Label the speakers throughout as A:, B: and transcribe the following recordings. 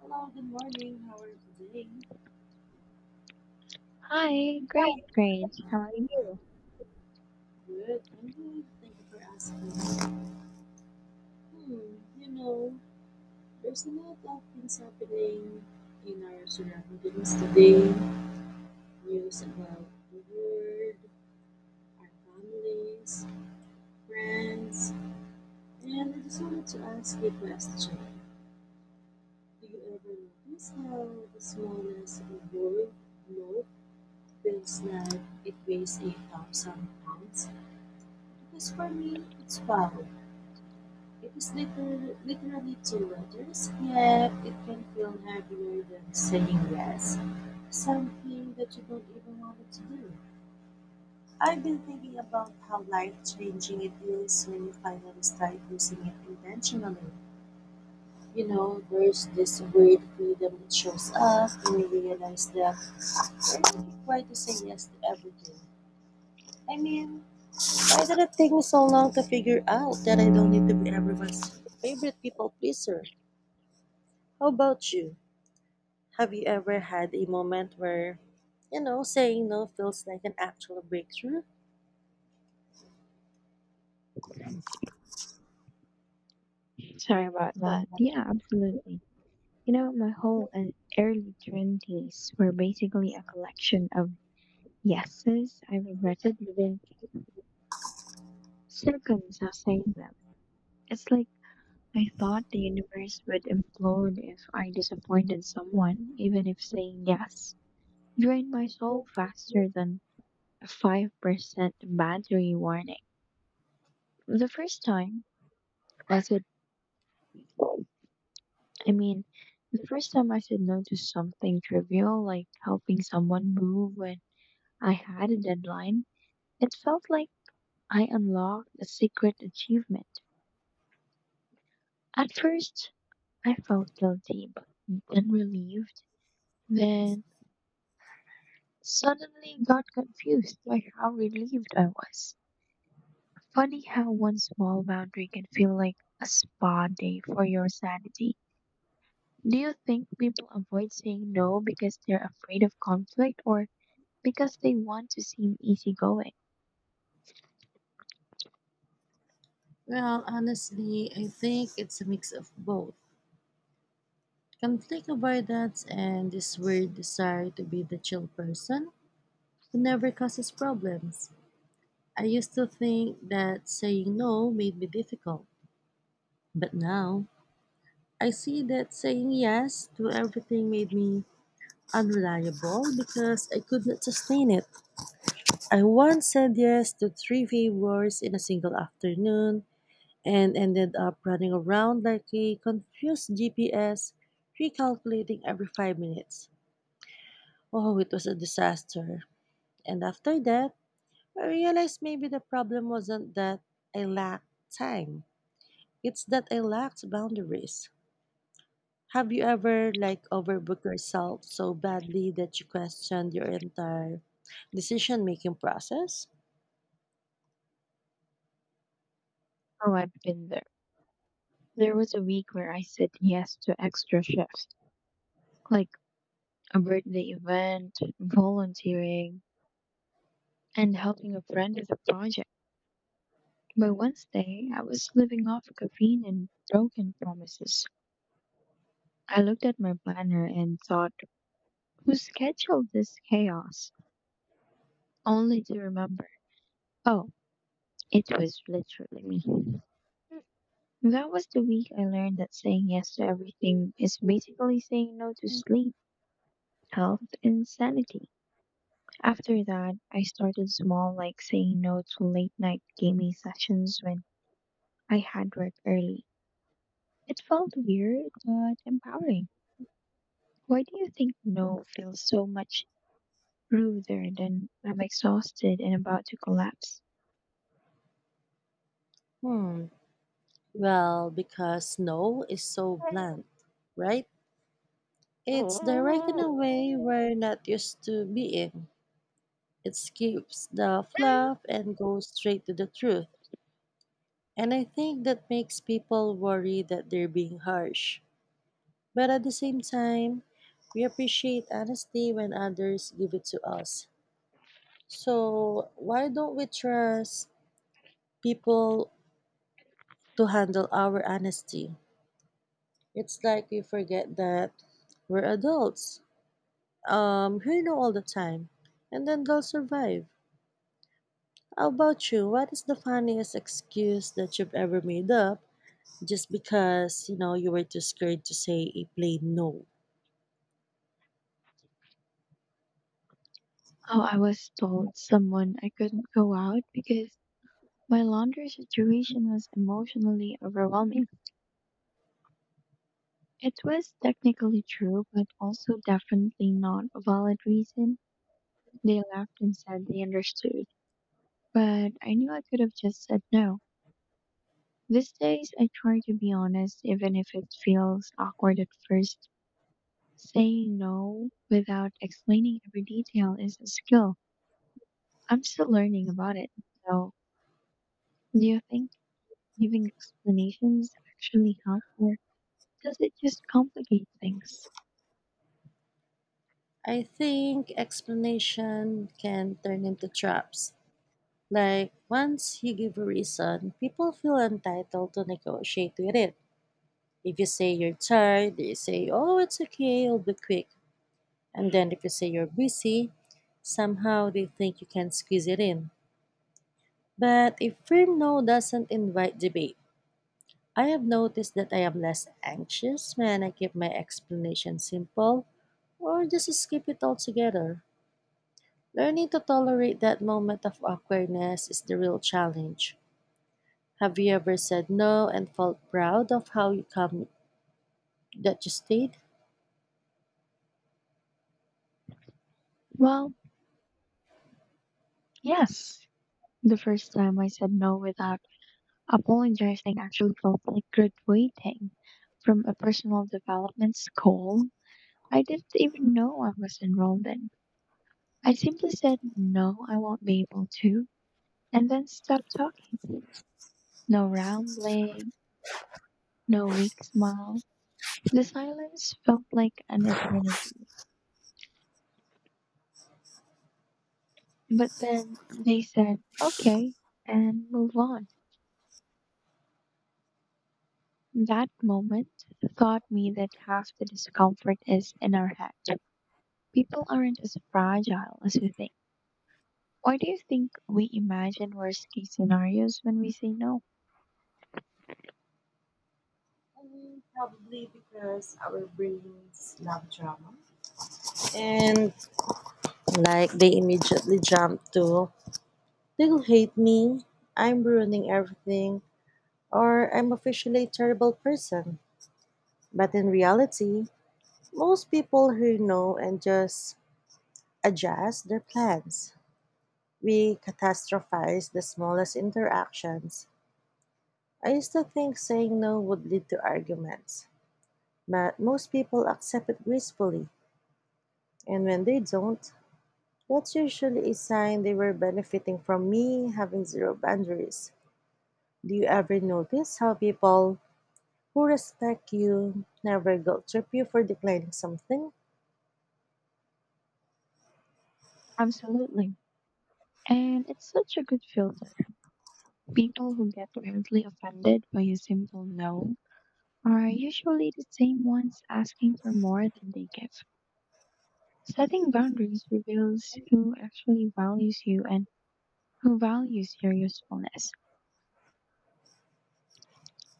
A: Hello, good morning. How are you today?
B: Hi, great, great. How are you?
A: Good, I'm good. Thank you for asking. Hmm, you know, there's a lot of things happening in our surroundings today. News about the world, our families, friends, and I just wanted to ask you a question. Do you ever notice how the smallest world note feels like it weighs 8,000 pounds? Because for me, it's wow. It is little, literally two letters, yet it can feel heavier than saying yes, something that you don't even want to do. I've been thinking about how life changing it is when you finally start using it intentionally. You know, there's this weird freedom that shows up when you realize that you're not required to say yes to everything. I mean, why did it take me so long to figure out that I don't need to be everyone's favorite people pleaser? How about you? Have you ever had a moment where, saying no feels like an actual breakthrough?
B: Sorry about that. Yeah, absolutely. You know, my whole early 20s were basically a collection of yeses I regretted within seconds of saying them. It's like I thought the universe would implode if I disappointed someone, even if saying yes drained my soul faster than a 5% battery warning. The first time was with I mean, the first time I said no to something trivial, like helping someone move when I had a deadline, it felt like I unlocked a secret achievement. At first, I felt guilty, but then relieved, then suddenly got confused by how relieved I was. Funny how one small boundary can feel like a spa day for your sanity. Do you think people avoid saying no because they're afraid of conflict, or because they want to seem easygoing?
A: Well, honestly, I think it's a mix of both. Conflict avoidance and this weird desire to be the chill person who never causes problems. I used to think that saying no made me difficult, but now I see that saying yes to everything made me unreliable because I could not sustain it. I once said yes to three favors in a single afternoon and ended up running around like a confused GPS, recalculating every 5 minutes. Oh, it was a disaster. And after that, I realized maybe the problem wasn't that I lacked time, it's that I lacked boundaries. Have you ever, like, overbooked yourself so badly that you questioned your entire decision making process?
B: Oh, I've been there. There was a week where I said yes to extra shifts, like a birthday event, volunteering, and helping a friend with a project. By Wednesday, I was living off caffeine and broken promises. I looked at my planner and thought, who scheduled this chaos? Only to remember, oh, it was literally me. That was the week I learned that saying yes to everything is basically saying no to sleep, health, and sanity. After that, I started small, like saying no to late night gaming sessions when I had work early. It felt weird, but empowering. Why do you think no feels so much ruder than I'm exhausted and about to collapse?
A: Hmm, well, because no is so blunt, right? It's direct in
B: Oh,
A: a way we're not used to being. It skips the fluff and goes straight to the truth. And I think that makes people worry that they're being harsh. But at the same time, we appreciate honesty when others give it to us. So, why don't we trust people to handle our honesty? It's like we forget that we're adults all the time, and then they'll survive. How about you? What is the funniest excuse that you've ever made up just because, you were too scared to say a plain no?
B: I was told someone I couldn't go out because my laundry situation was emotionally overwhelming. It was technically true, but also definitely not a valid reason. They laughed and said they understood, but I knew I could have just said no. These days, I try to be honest, even if it feels awkward at first. Saying no without explaining every detail is a skill I'm still learning about it, so, do you think giving explanations actually help, or does it just complicate things?
A: I think explanation can turn into traps. Like, once you give a reason, people feel entitled to negotiate with it. If you say you're tired, they say, oh, it's okay, I'll be quick. And then if you say you're busy, somehow they think you can squeeze it in. But a firm no doesn't invite debate. I have noticed that I am less anxious when I keep my explanation simple or just skip it altogether. Learning to tolerate that moment of awkwardness is the real challenge. Have you ever said no and felt proud of how you come that you stayed?
B: Well, yes. The first time I said no without apologizing actually felt like graduating from a personal development school I didn't even know I was enrolled in. I simply said, no, I won't be able to, and then stopped talking. No round leg, no weak smile. The silence felt like an eternity. But then they said, okay, and move on. That moment taught me that half the discomfort is in our head. People aren't as fragile as we think. Why do you think we imagine worst case scenarios when we say no?
A: And like they immediately jump to, they'll hate me, I'm ruining everything, or I'm officially a terrible person. But in reality, most people who know and just adjust their plans. We catastrophize the smallest interactions. I used to think saying no would lead to arguments, but most people accept it gracefully. And when they don't, that's usually a sign they were benefiting from me having zero boundaries. Do you ever notice how people who respect you never guilt trip you for declining something?
B: Absolutely. And it's such a good filter. People who get wildly offended by a simple no are usually the same ones asking for more than they give. Setting boundaries reveals who actually values you and who values your usefulness.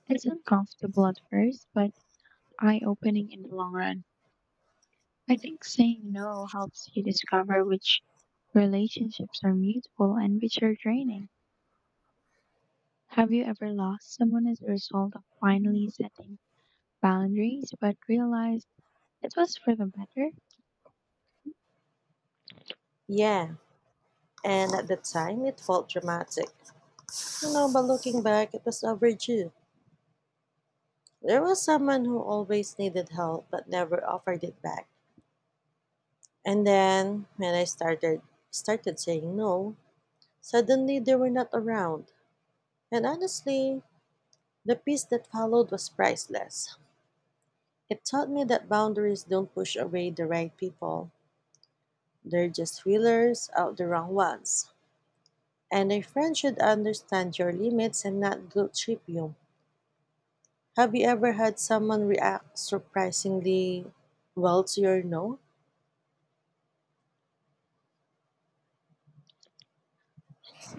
B: It's uncomfortable at first, but eye opening in the long run. I think saying no helps you discover which relationships are mutual and which are draining. Have you ever lost someone as a result of finally setting boundaries but realized it was for the better?
A: Yeah, and at the time it felt dramatic. You know, but looking back, it was overdue. There was someone who always needed help but never offered it back. And then when I started saying no, suddenly they were not around. And honestly, the peace that followed was priceless. It taught me that boundaries don't push away the right people. They're just feelers out the wrong ones. And a friend should understand your limits and not guilt trip you. Have you ever had someone react surprisingly well to your no?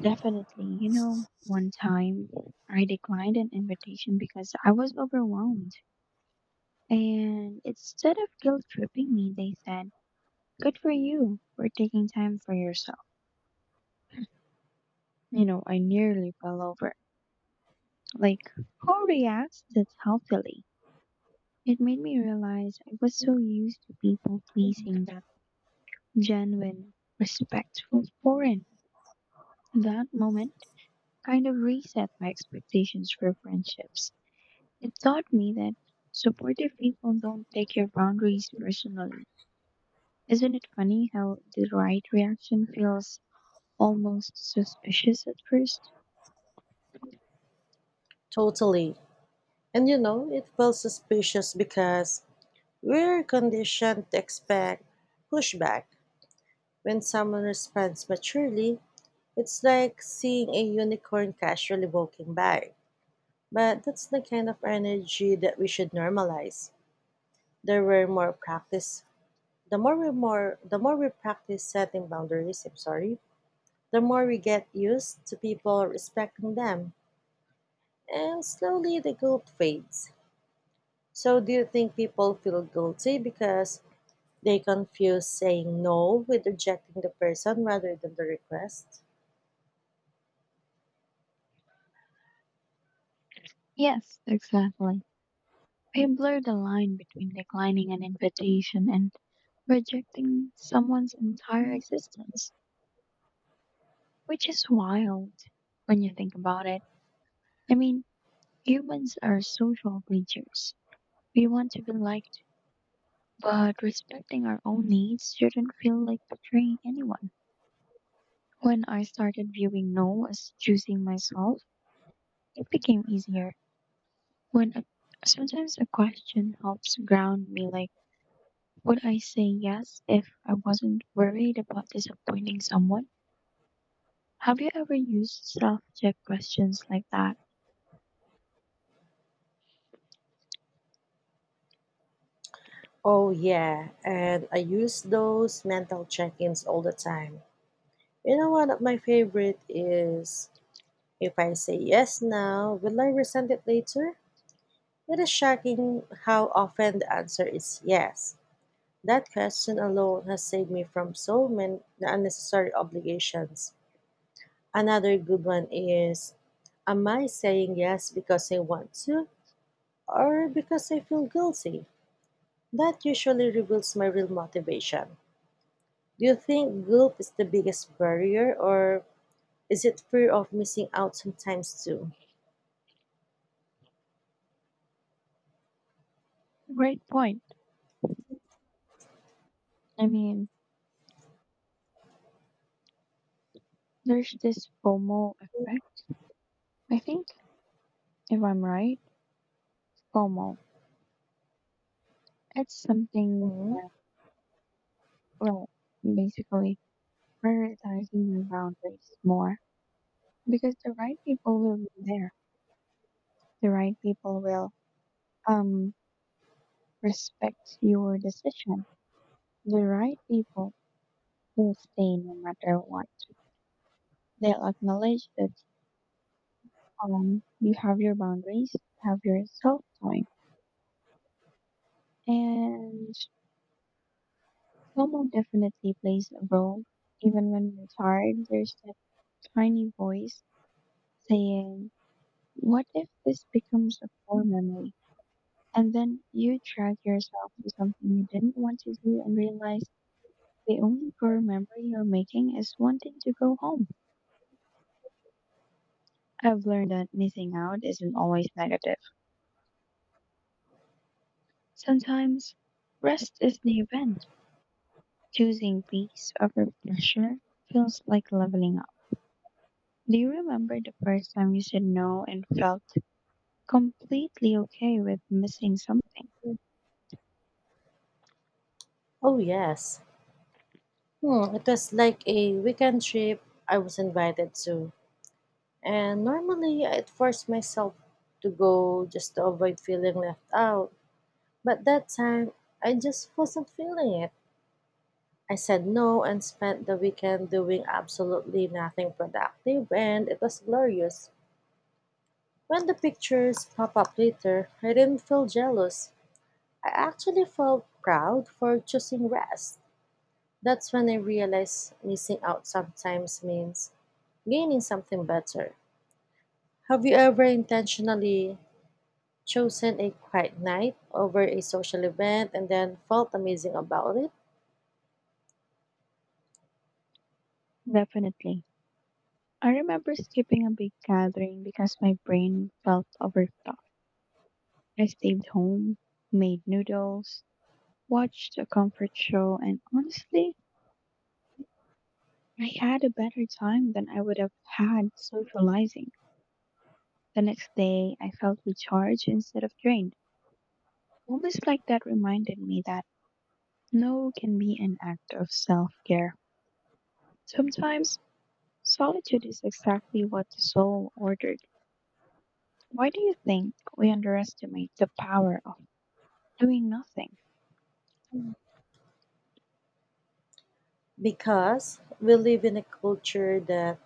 B: Definitely. You know, one time I declined an invitation because I was overwhelmed. And instead of guilt tripping me, they said, good for you for taking time for yourself. You know, I nearly fell over. Like, who reacts that healthily? It made me realize I was so used to people pleasing that genuine, respectful was foreign. That moment kind of reset my expectations for friendships. It taught me that supportive people don't take your boundaries personally. Isn't it funny how the right reaction feels almost suspicious at first?
A: Totally. And you know, it feels suspicious because we're conditioned to expect pushback. When someone responds maturely, it's like seeing a unicorn casually walking by. But that's the kind of energy that we should normalize. There were more practice. The more we practice setting boundaries, I'm sorry, the more we get used to people respecting them, and slowly the guilt fades. So, do you think people feel guilty because they confuse saying no with rejecting the person rather than the request?
B: Yes, exactly. I blur the line between declining an invitation and rejecting someone's entire existence, which is wild when you think about it. I mean, humans are social creatures. We want to be liked, but respecting our own needs shouldn't feel like betraying anyone. When I started viewing no as choosing myself, it became easier. When a, Sometimes a question helps ground me, like, would I say yes if I wasn't worried about disappointing someone? Have you ever used self check questions like that?
A: Oh, yeah, and I use those mental check ins all the time. You know, one of my favorite is, if I say yes now, will I resent it later? It is shocking how often the answer is yes. That question alone has saved me from so many unnecessary obligations. Another good one is, am I saying yes because I want to or because I feel guilty? That usually reveals my real motivation. Do you think guilt is the biggest barrier or is it fear of missing out sometimes too?
B: Great point. I mean, there's this FOMO effect. I think, if I'm right, FOMO. It's something,
A: Mhm.
B: well, basically prioritizing your boundaries more because the right people will be there. The right people will um respect your decision. The right people will stay no matter what. They'll acknowledge that you have your boundaries, have your self time, and FOMO definitely plays a role. Even when we're tired, there's that tiny voice saying, what if this becomes a core memory? And then you drag yourself to something you didn't want to do and realize the only core memory you're making is wanting to go home. I've learned that missing out isn't always negative. Sometimes rest is the event. Choosing peace over pressure feels like leveling up. Do you remember the first time you said no and felt completely okay with missing something?
A: Oh, yes. Hmm, it was like a weekend trip I was invited to. And normally I'd force myself to go just to avoid feeling left out. But that time, I just wasn't feeling it. I said no and spent the weekend doing absolutely nothing productive, and it was glorious. When the pictures pop up later, I didn't feel jealous. I actually felt proud for choosing rest. That's when I realized missing out sometimes means gaining something better. Have you ever intentionally chosen a quiet night over a social event and then felt amazing about it?
B: Definitely. I remember skipping a big gathering because my brain felt overstuffed. I stayed home, made noodles, watched a comfort show, and honestly, I had a better time than I would have had socializing. The next day, I felt recharged instead of drained. Moments like that reminded me that no can be an act of self care. Sometimes solitude is exactly what the soul ordered. Why do you think we underestimate the power of doing nothing?
A: Because we live in a culture that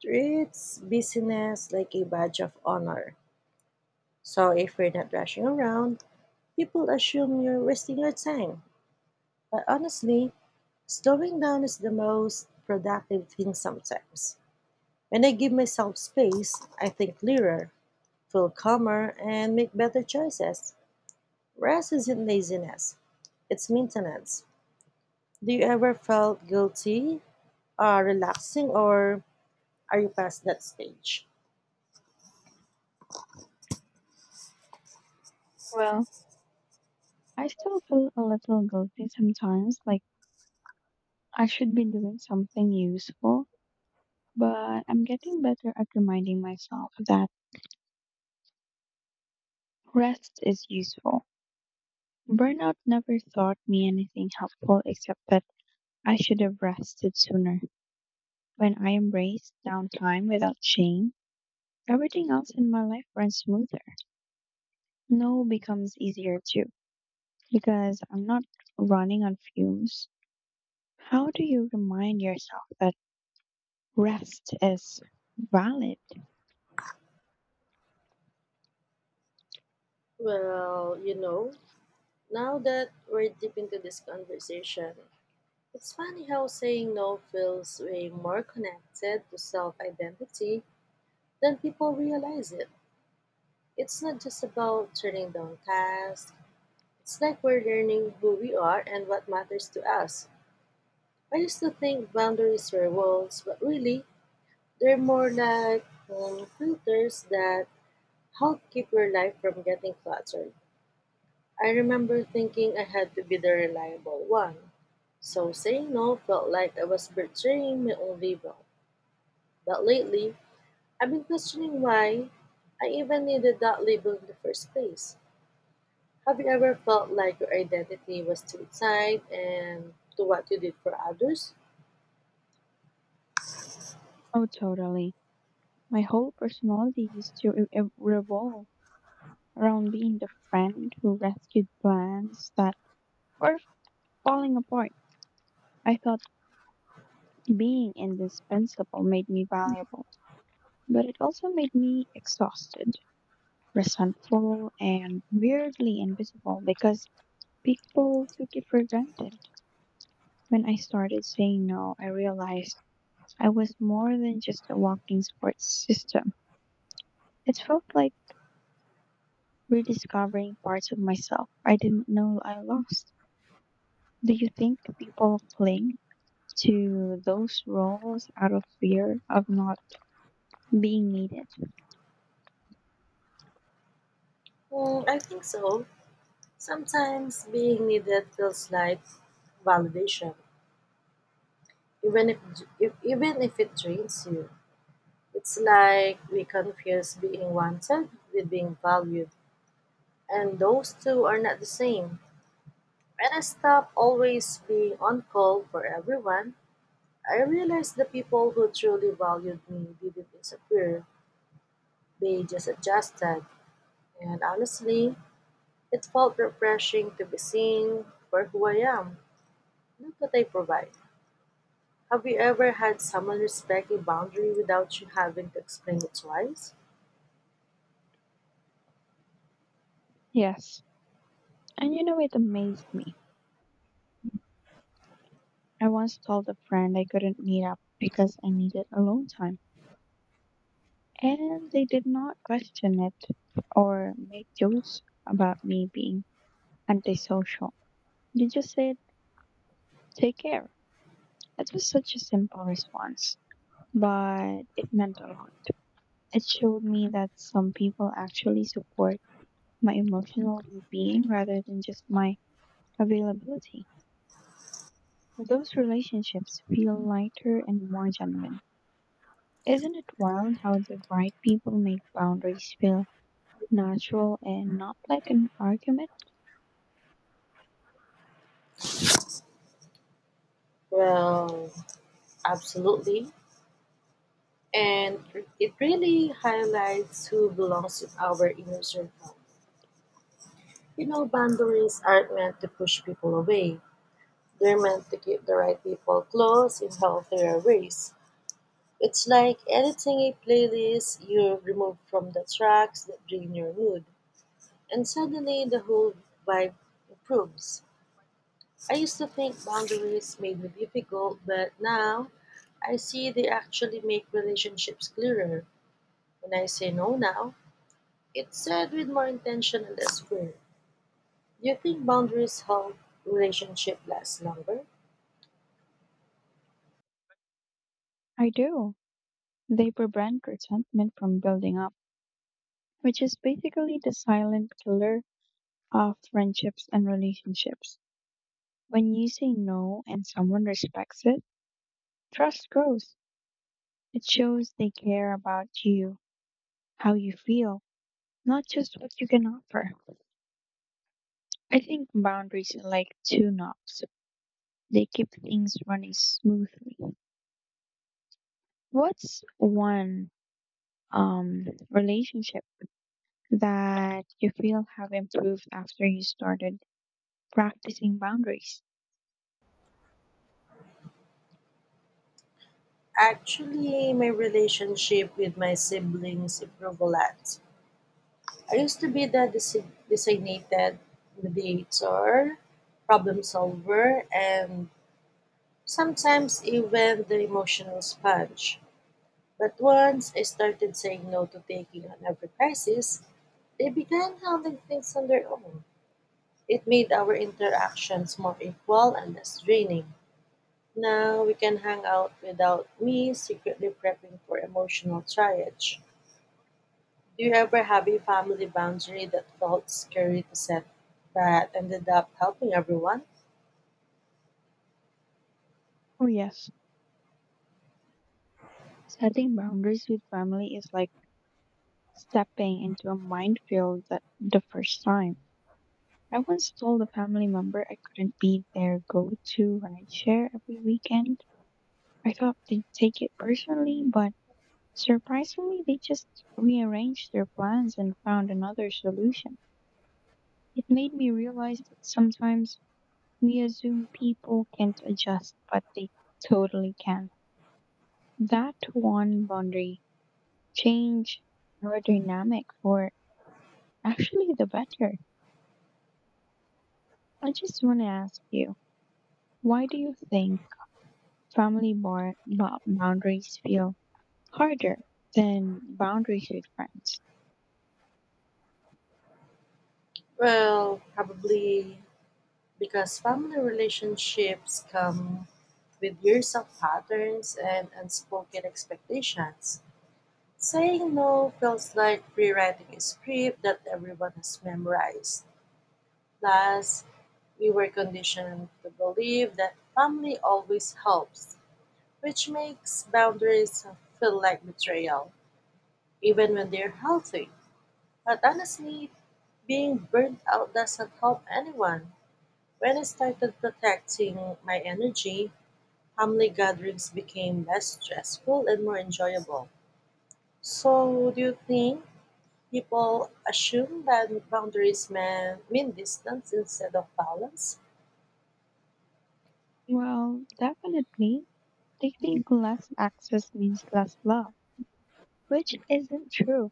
A: treats busyness like a badge of honor. So if you're not rushing around, people assume you're wasting your time. But honestly, slowing down is the most productive thing sometimes. When I give myself space, I think clearer, feel calmer, and make better choices. Rest isn't laziness, it's maintenance. Do you ever felt guilty, relaxing, or are you past that stage?
B: Well, I still feel a little guilty sometimes, like I should be doing something useful, but I'm getting better at reminding myself that rest is useful. Burnout never taught me anything helpful except that I should have rested sooner. When I embrace downtime without shame, everything else in my life runs smoother. No becomes easier too, because I'm not running on fumes. How do you remind yourself that rest is valid?
A: Well, you know, now that we're deep into this conversation, it's funny how saying no feels way more connected to self identity than people realize it. It's not just about turning down tasks, it's like we're learning who we are and what matters to us. I used to think boundaries were walls, but really, they're more like filters that help keep your life from getting cluttered. I remember thinking I had to be the reliable one. So saying no felt like I was betraying my own label. But lately, I've been questioning why I even needed that label in the first place. Have you ever felt like your identity was too tied and to what you did for others?
B: Oh, totally. My whole personality used to revolve around being the friend who rescued plans that were falling apart. I thought being indispensable made me valuable, but it also made me exhausted, resentful, and weirdly invisible because people took it for granted. When I started saying no, I realized I was more than just a walking support system. It felt like rediscovering parts of myself I didn't know I lost. Do you think people cling to those roles out of fear of not being needed?
A: Mm, I think so. Sometimes being needed feels like validation, even if, even if it drains you. It's like we confuse being wanted with being valued, and those two are not the same. When I stopped always being on call for everyone, I realized the people who truly valued me didn't disappear, they just adjusted. And honestly, it felt refreshing to be seen for who I am, not what I provide. Have you ever had someone respect a boundary without you having to explain it twice?
B: Yes. And you know, it amazed me. I once told a friend I couldn't meet up because I needed alone time. And they did not question it or make jokes about me being antisocial. They just said, take care. That was such a simple response, but it meant a lot. It showed me that some people actually support my emotional well being rather than just my availability. Those relationships feel lighter and more genuine. Isn't it wild how the right people make boundaries feel natural and not like an argument?
A: Well, absolutely, and it really highlights who belongs in our inner circle. You know, boundaries aren't meant to push people away. They're meant to keep the right people close in healthier ways. It's like editing a playlist, you remove from the tracks that drain your mood, and suddenly the whole vibe improves. I used to think boundaries made me difficult, but now I see they actually make relationships clearer. When I say no now, it's said with more intention and less fear. Do you think boundaries help relationship last longer?
B: I do. They prevent resentment from building up, which is basically the silent killer of friendships and relationships. When you say no and someone respects it, trust grows. It shows they care about you, how you feel, not just what you can offer. I think boundaries are like two knobs. They keep things running smoothly. What's one relationship that you feel have improved after you started practicing boundaries?
A: Actually, my relationship with my siblings improved a lot. I used to be the designated mediator, problem solver, and sometimes even the emotional sponge. But once I started saying no to taking on every crisis, they began handling things on their own. It made our interactions more equal and less draining. Now we can hang out without me secretly prepping for emotional triage. Do you ever have a family boundary that felt scary to set but ended up helping everyone?
B: Oh, yes. Setting boundaries with family is like stepping into a minefield that the first time. I once told a family member I couldn't be their go to rideshare every weekend. I thought they'd take it personally, but surprisingly, they just rearranged their plans and found another solution. It made me realize that sometimes we assume people can't adjust, but they totally can. That one boundary change your dynamic for actually the better. I just want to ask you, why do you think family boundaries feel harder than boundaries with friends?
A: Well, probably because family relationships come with years of patterns and unspoken expectations. Saying no feels like rewriting a script that everyone has memorized. Plus, we were conditioned to believe that family always helps, which makes boundaries feel like betrayal, even when they're healthy. But honestly, being burnt out doesn't help anyone. When I started protecting my energy, family gatherings became less stressful and more enjoyable. So, do you think people assume that boundaries mean distance instead of balance?
B: Well, definitely, they think less access means less love, which isn't true.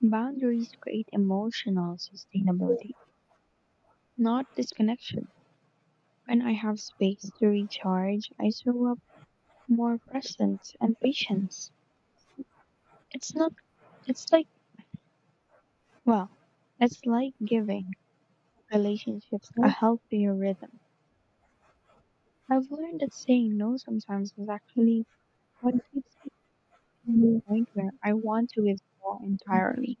B: Boundaries create emotional sustainability, not disconnection. When I have space to recharge, I show up more presence and patience. It's not, it's like, well, It's like giving relationships a healthier rhythm. I've learned that saying no sometimes is actually what keeps me from the point where I want to withdraw entirely.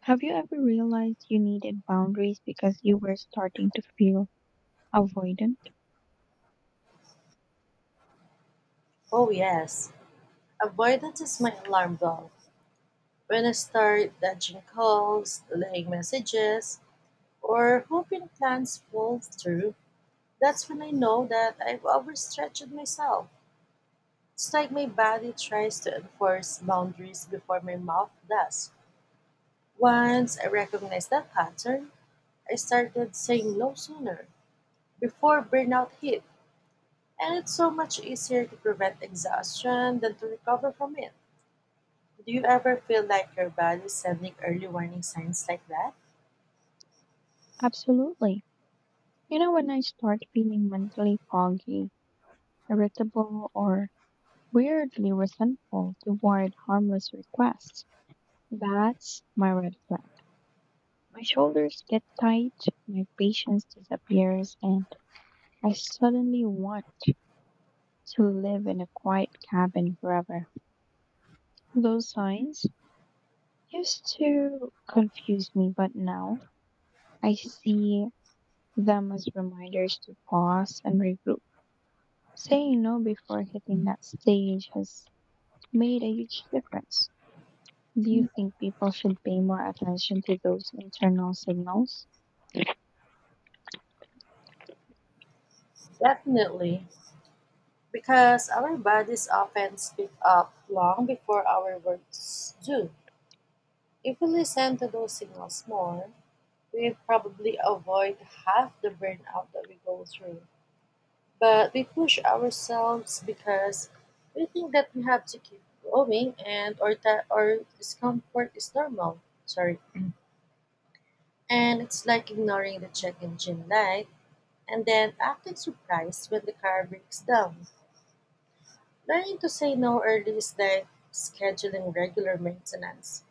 B: Have you ever realized you needed boundaries because you were starting to feel avoidant?
A: Oh, yes. Avoidance is my alarm bell. When I start dodging calls, delaying messages, or hoping plans fall through, that's when I know that I've overstretched myself. It's like my body tries to enforce boundaries before my mouth does. Once I recognized that pattern, I started saying no sooner, before burnout hit, and it's so much easier to prevent exhaustion than to recover from it. Do you ever feel like your body is sending early warning signs like that?
B: Absolutely. You know, when I start feeling mentally foggy, irritable, or weirdly resentful toward harmless requests, that's my red flag. My shoulders get tight, my patience disappears, and I suddenly want to live in a quiet cabin forever. Those signs used to confuse me, but now I see them as reminders to pause and regroup. Saying no before hitting that stage has made a huge difference. Do you think people should pay more attention to those internal signals?
A: Definitely, because our bodies often speak up long before our words do. If we listen to those signals more, we probably avoid half the burnout that we go through. But we push ourselves because we think that we have to keep going and or that our discomfort is normal. Sorry. And it's like ignoring the check engine light and then acting surprised when the car breaks down. Learning to say no early is like scheduling regular maintenance.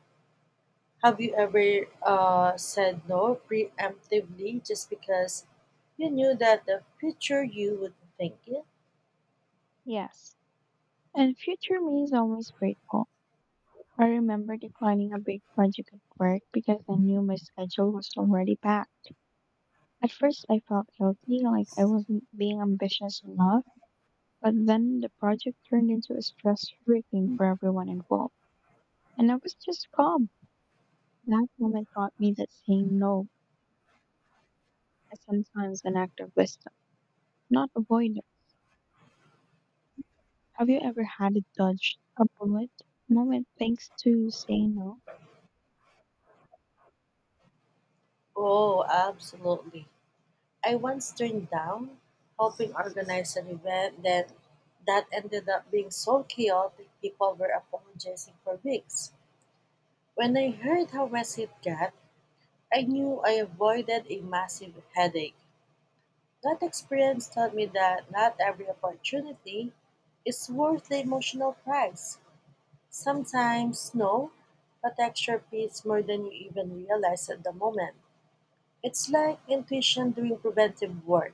A: Have you ever said no preemptively just because you knew that the future you would think it?
B: Yes. And future me is always grateful. I remember declining a big project at work because I knew my schedule was already packed. At first, I felt guilty, like I wasn't being ambitious enough, but then the project turned into a stress hurricane for everyone involved, and I was just calm. That moment taught me that saying no is sometimes an act of wisdom, not avoidance. Have you ever had to dodge a bullet moment thanks to saying no?
A: Oh, absolutely. I once turned down helping organize an event that ended up being so chaotic people were apologizing for weeks. When I heard how messy it got, I knew I avoided a massive headache. That experience taught me that not every opportunity is worth the emotional price. Sometimes, no, but extra pays more than you even realize at the moment. It's like intuition doing preventive work.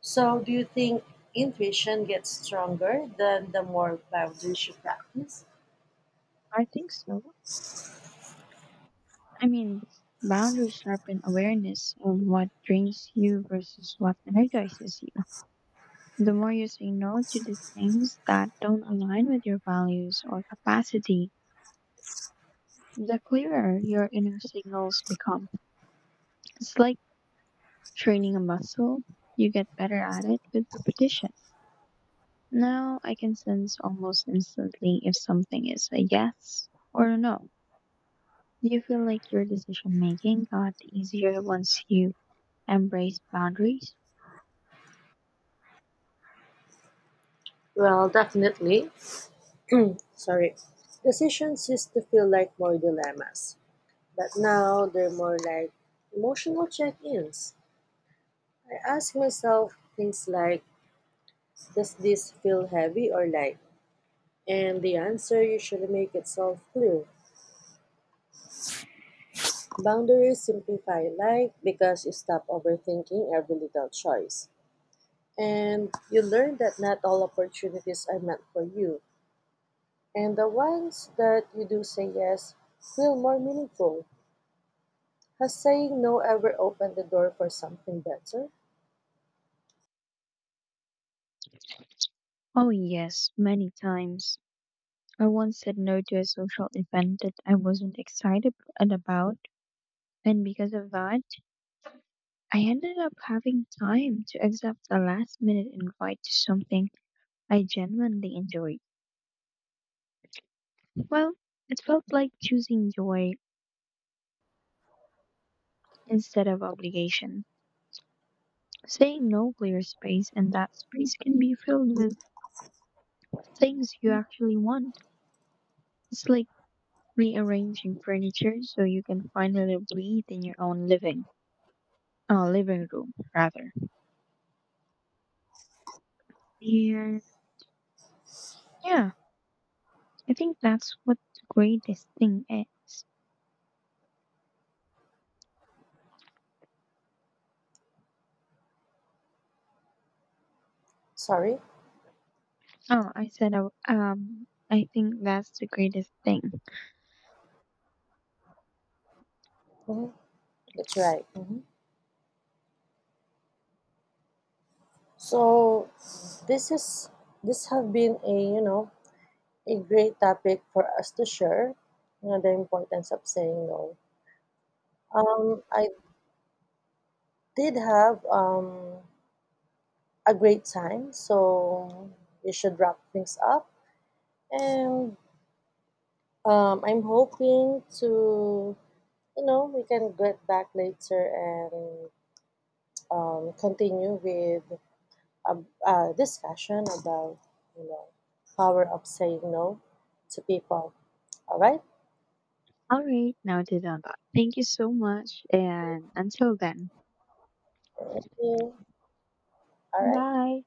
A: So, do you think intuition gets stronger than the more boundaries you practice?
B: I think so. I mean, boundaries sharpen awareness of what drains you versus what energizes you. The more you say no to the things that don't align with your values or capacity, the clearer your inner signals become. It's like training a muscle, you get better at it with repetition. Now I can sense almost instantly if something is a yes or a no. Do you feel like your decision making got easier once you embrace boundaries?
A: Well, definitely. Sorry. Decisions used to feel like more dilemmas. But now they're more like emotional check ins. I ask myself things like, does this feel heavy or light? And the answer usually makes itself clear. Boundaries simplify life because you stop overthinking every little choice. And you learn that not all opportunities are meant for you. And the ones that you do say yes feel more meaningful. Has saying no ever opened the door for something better?
B: Oh, yes, many times. I once said no to a social event that I wasn't excited and about, and because of that, I ended up having time to accept a last minute invite to something I genuinely enjoyed. Well, it felt like choosing joy instead of obligation. Saying no clears space, and that space can be filled with things you actually want. It's like rearranging furniture so you can finally breathe in your own living, living room rather. And yeah, I think that's what the greatest thing is.
A: Sorry?
B: Oh, I said, I think that's the greatest thing.
A: Mhm. That's right. So this is this have been a you know a great topic for us to share. You know, the importance of saying no. I did have a great time, so we should wrap things up. And I'm hoping to, you know, we can get back later and continue with a, a discussion about, you know, power of saying no to people. All right.
B: All right, now to done that. Thank you so much, and until then,
A: Thank you. All right.
B: bye.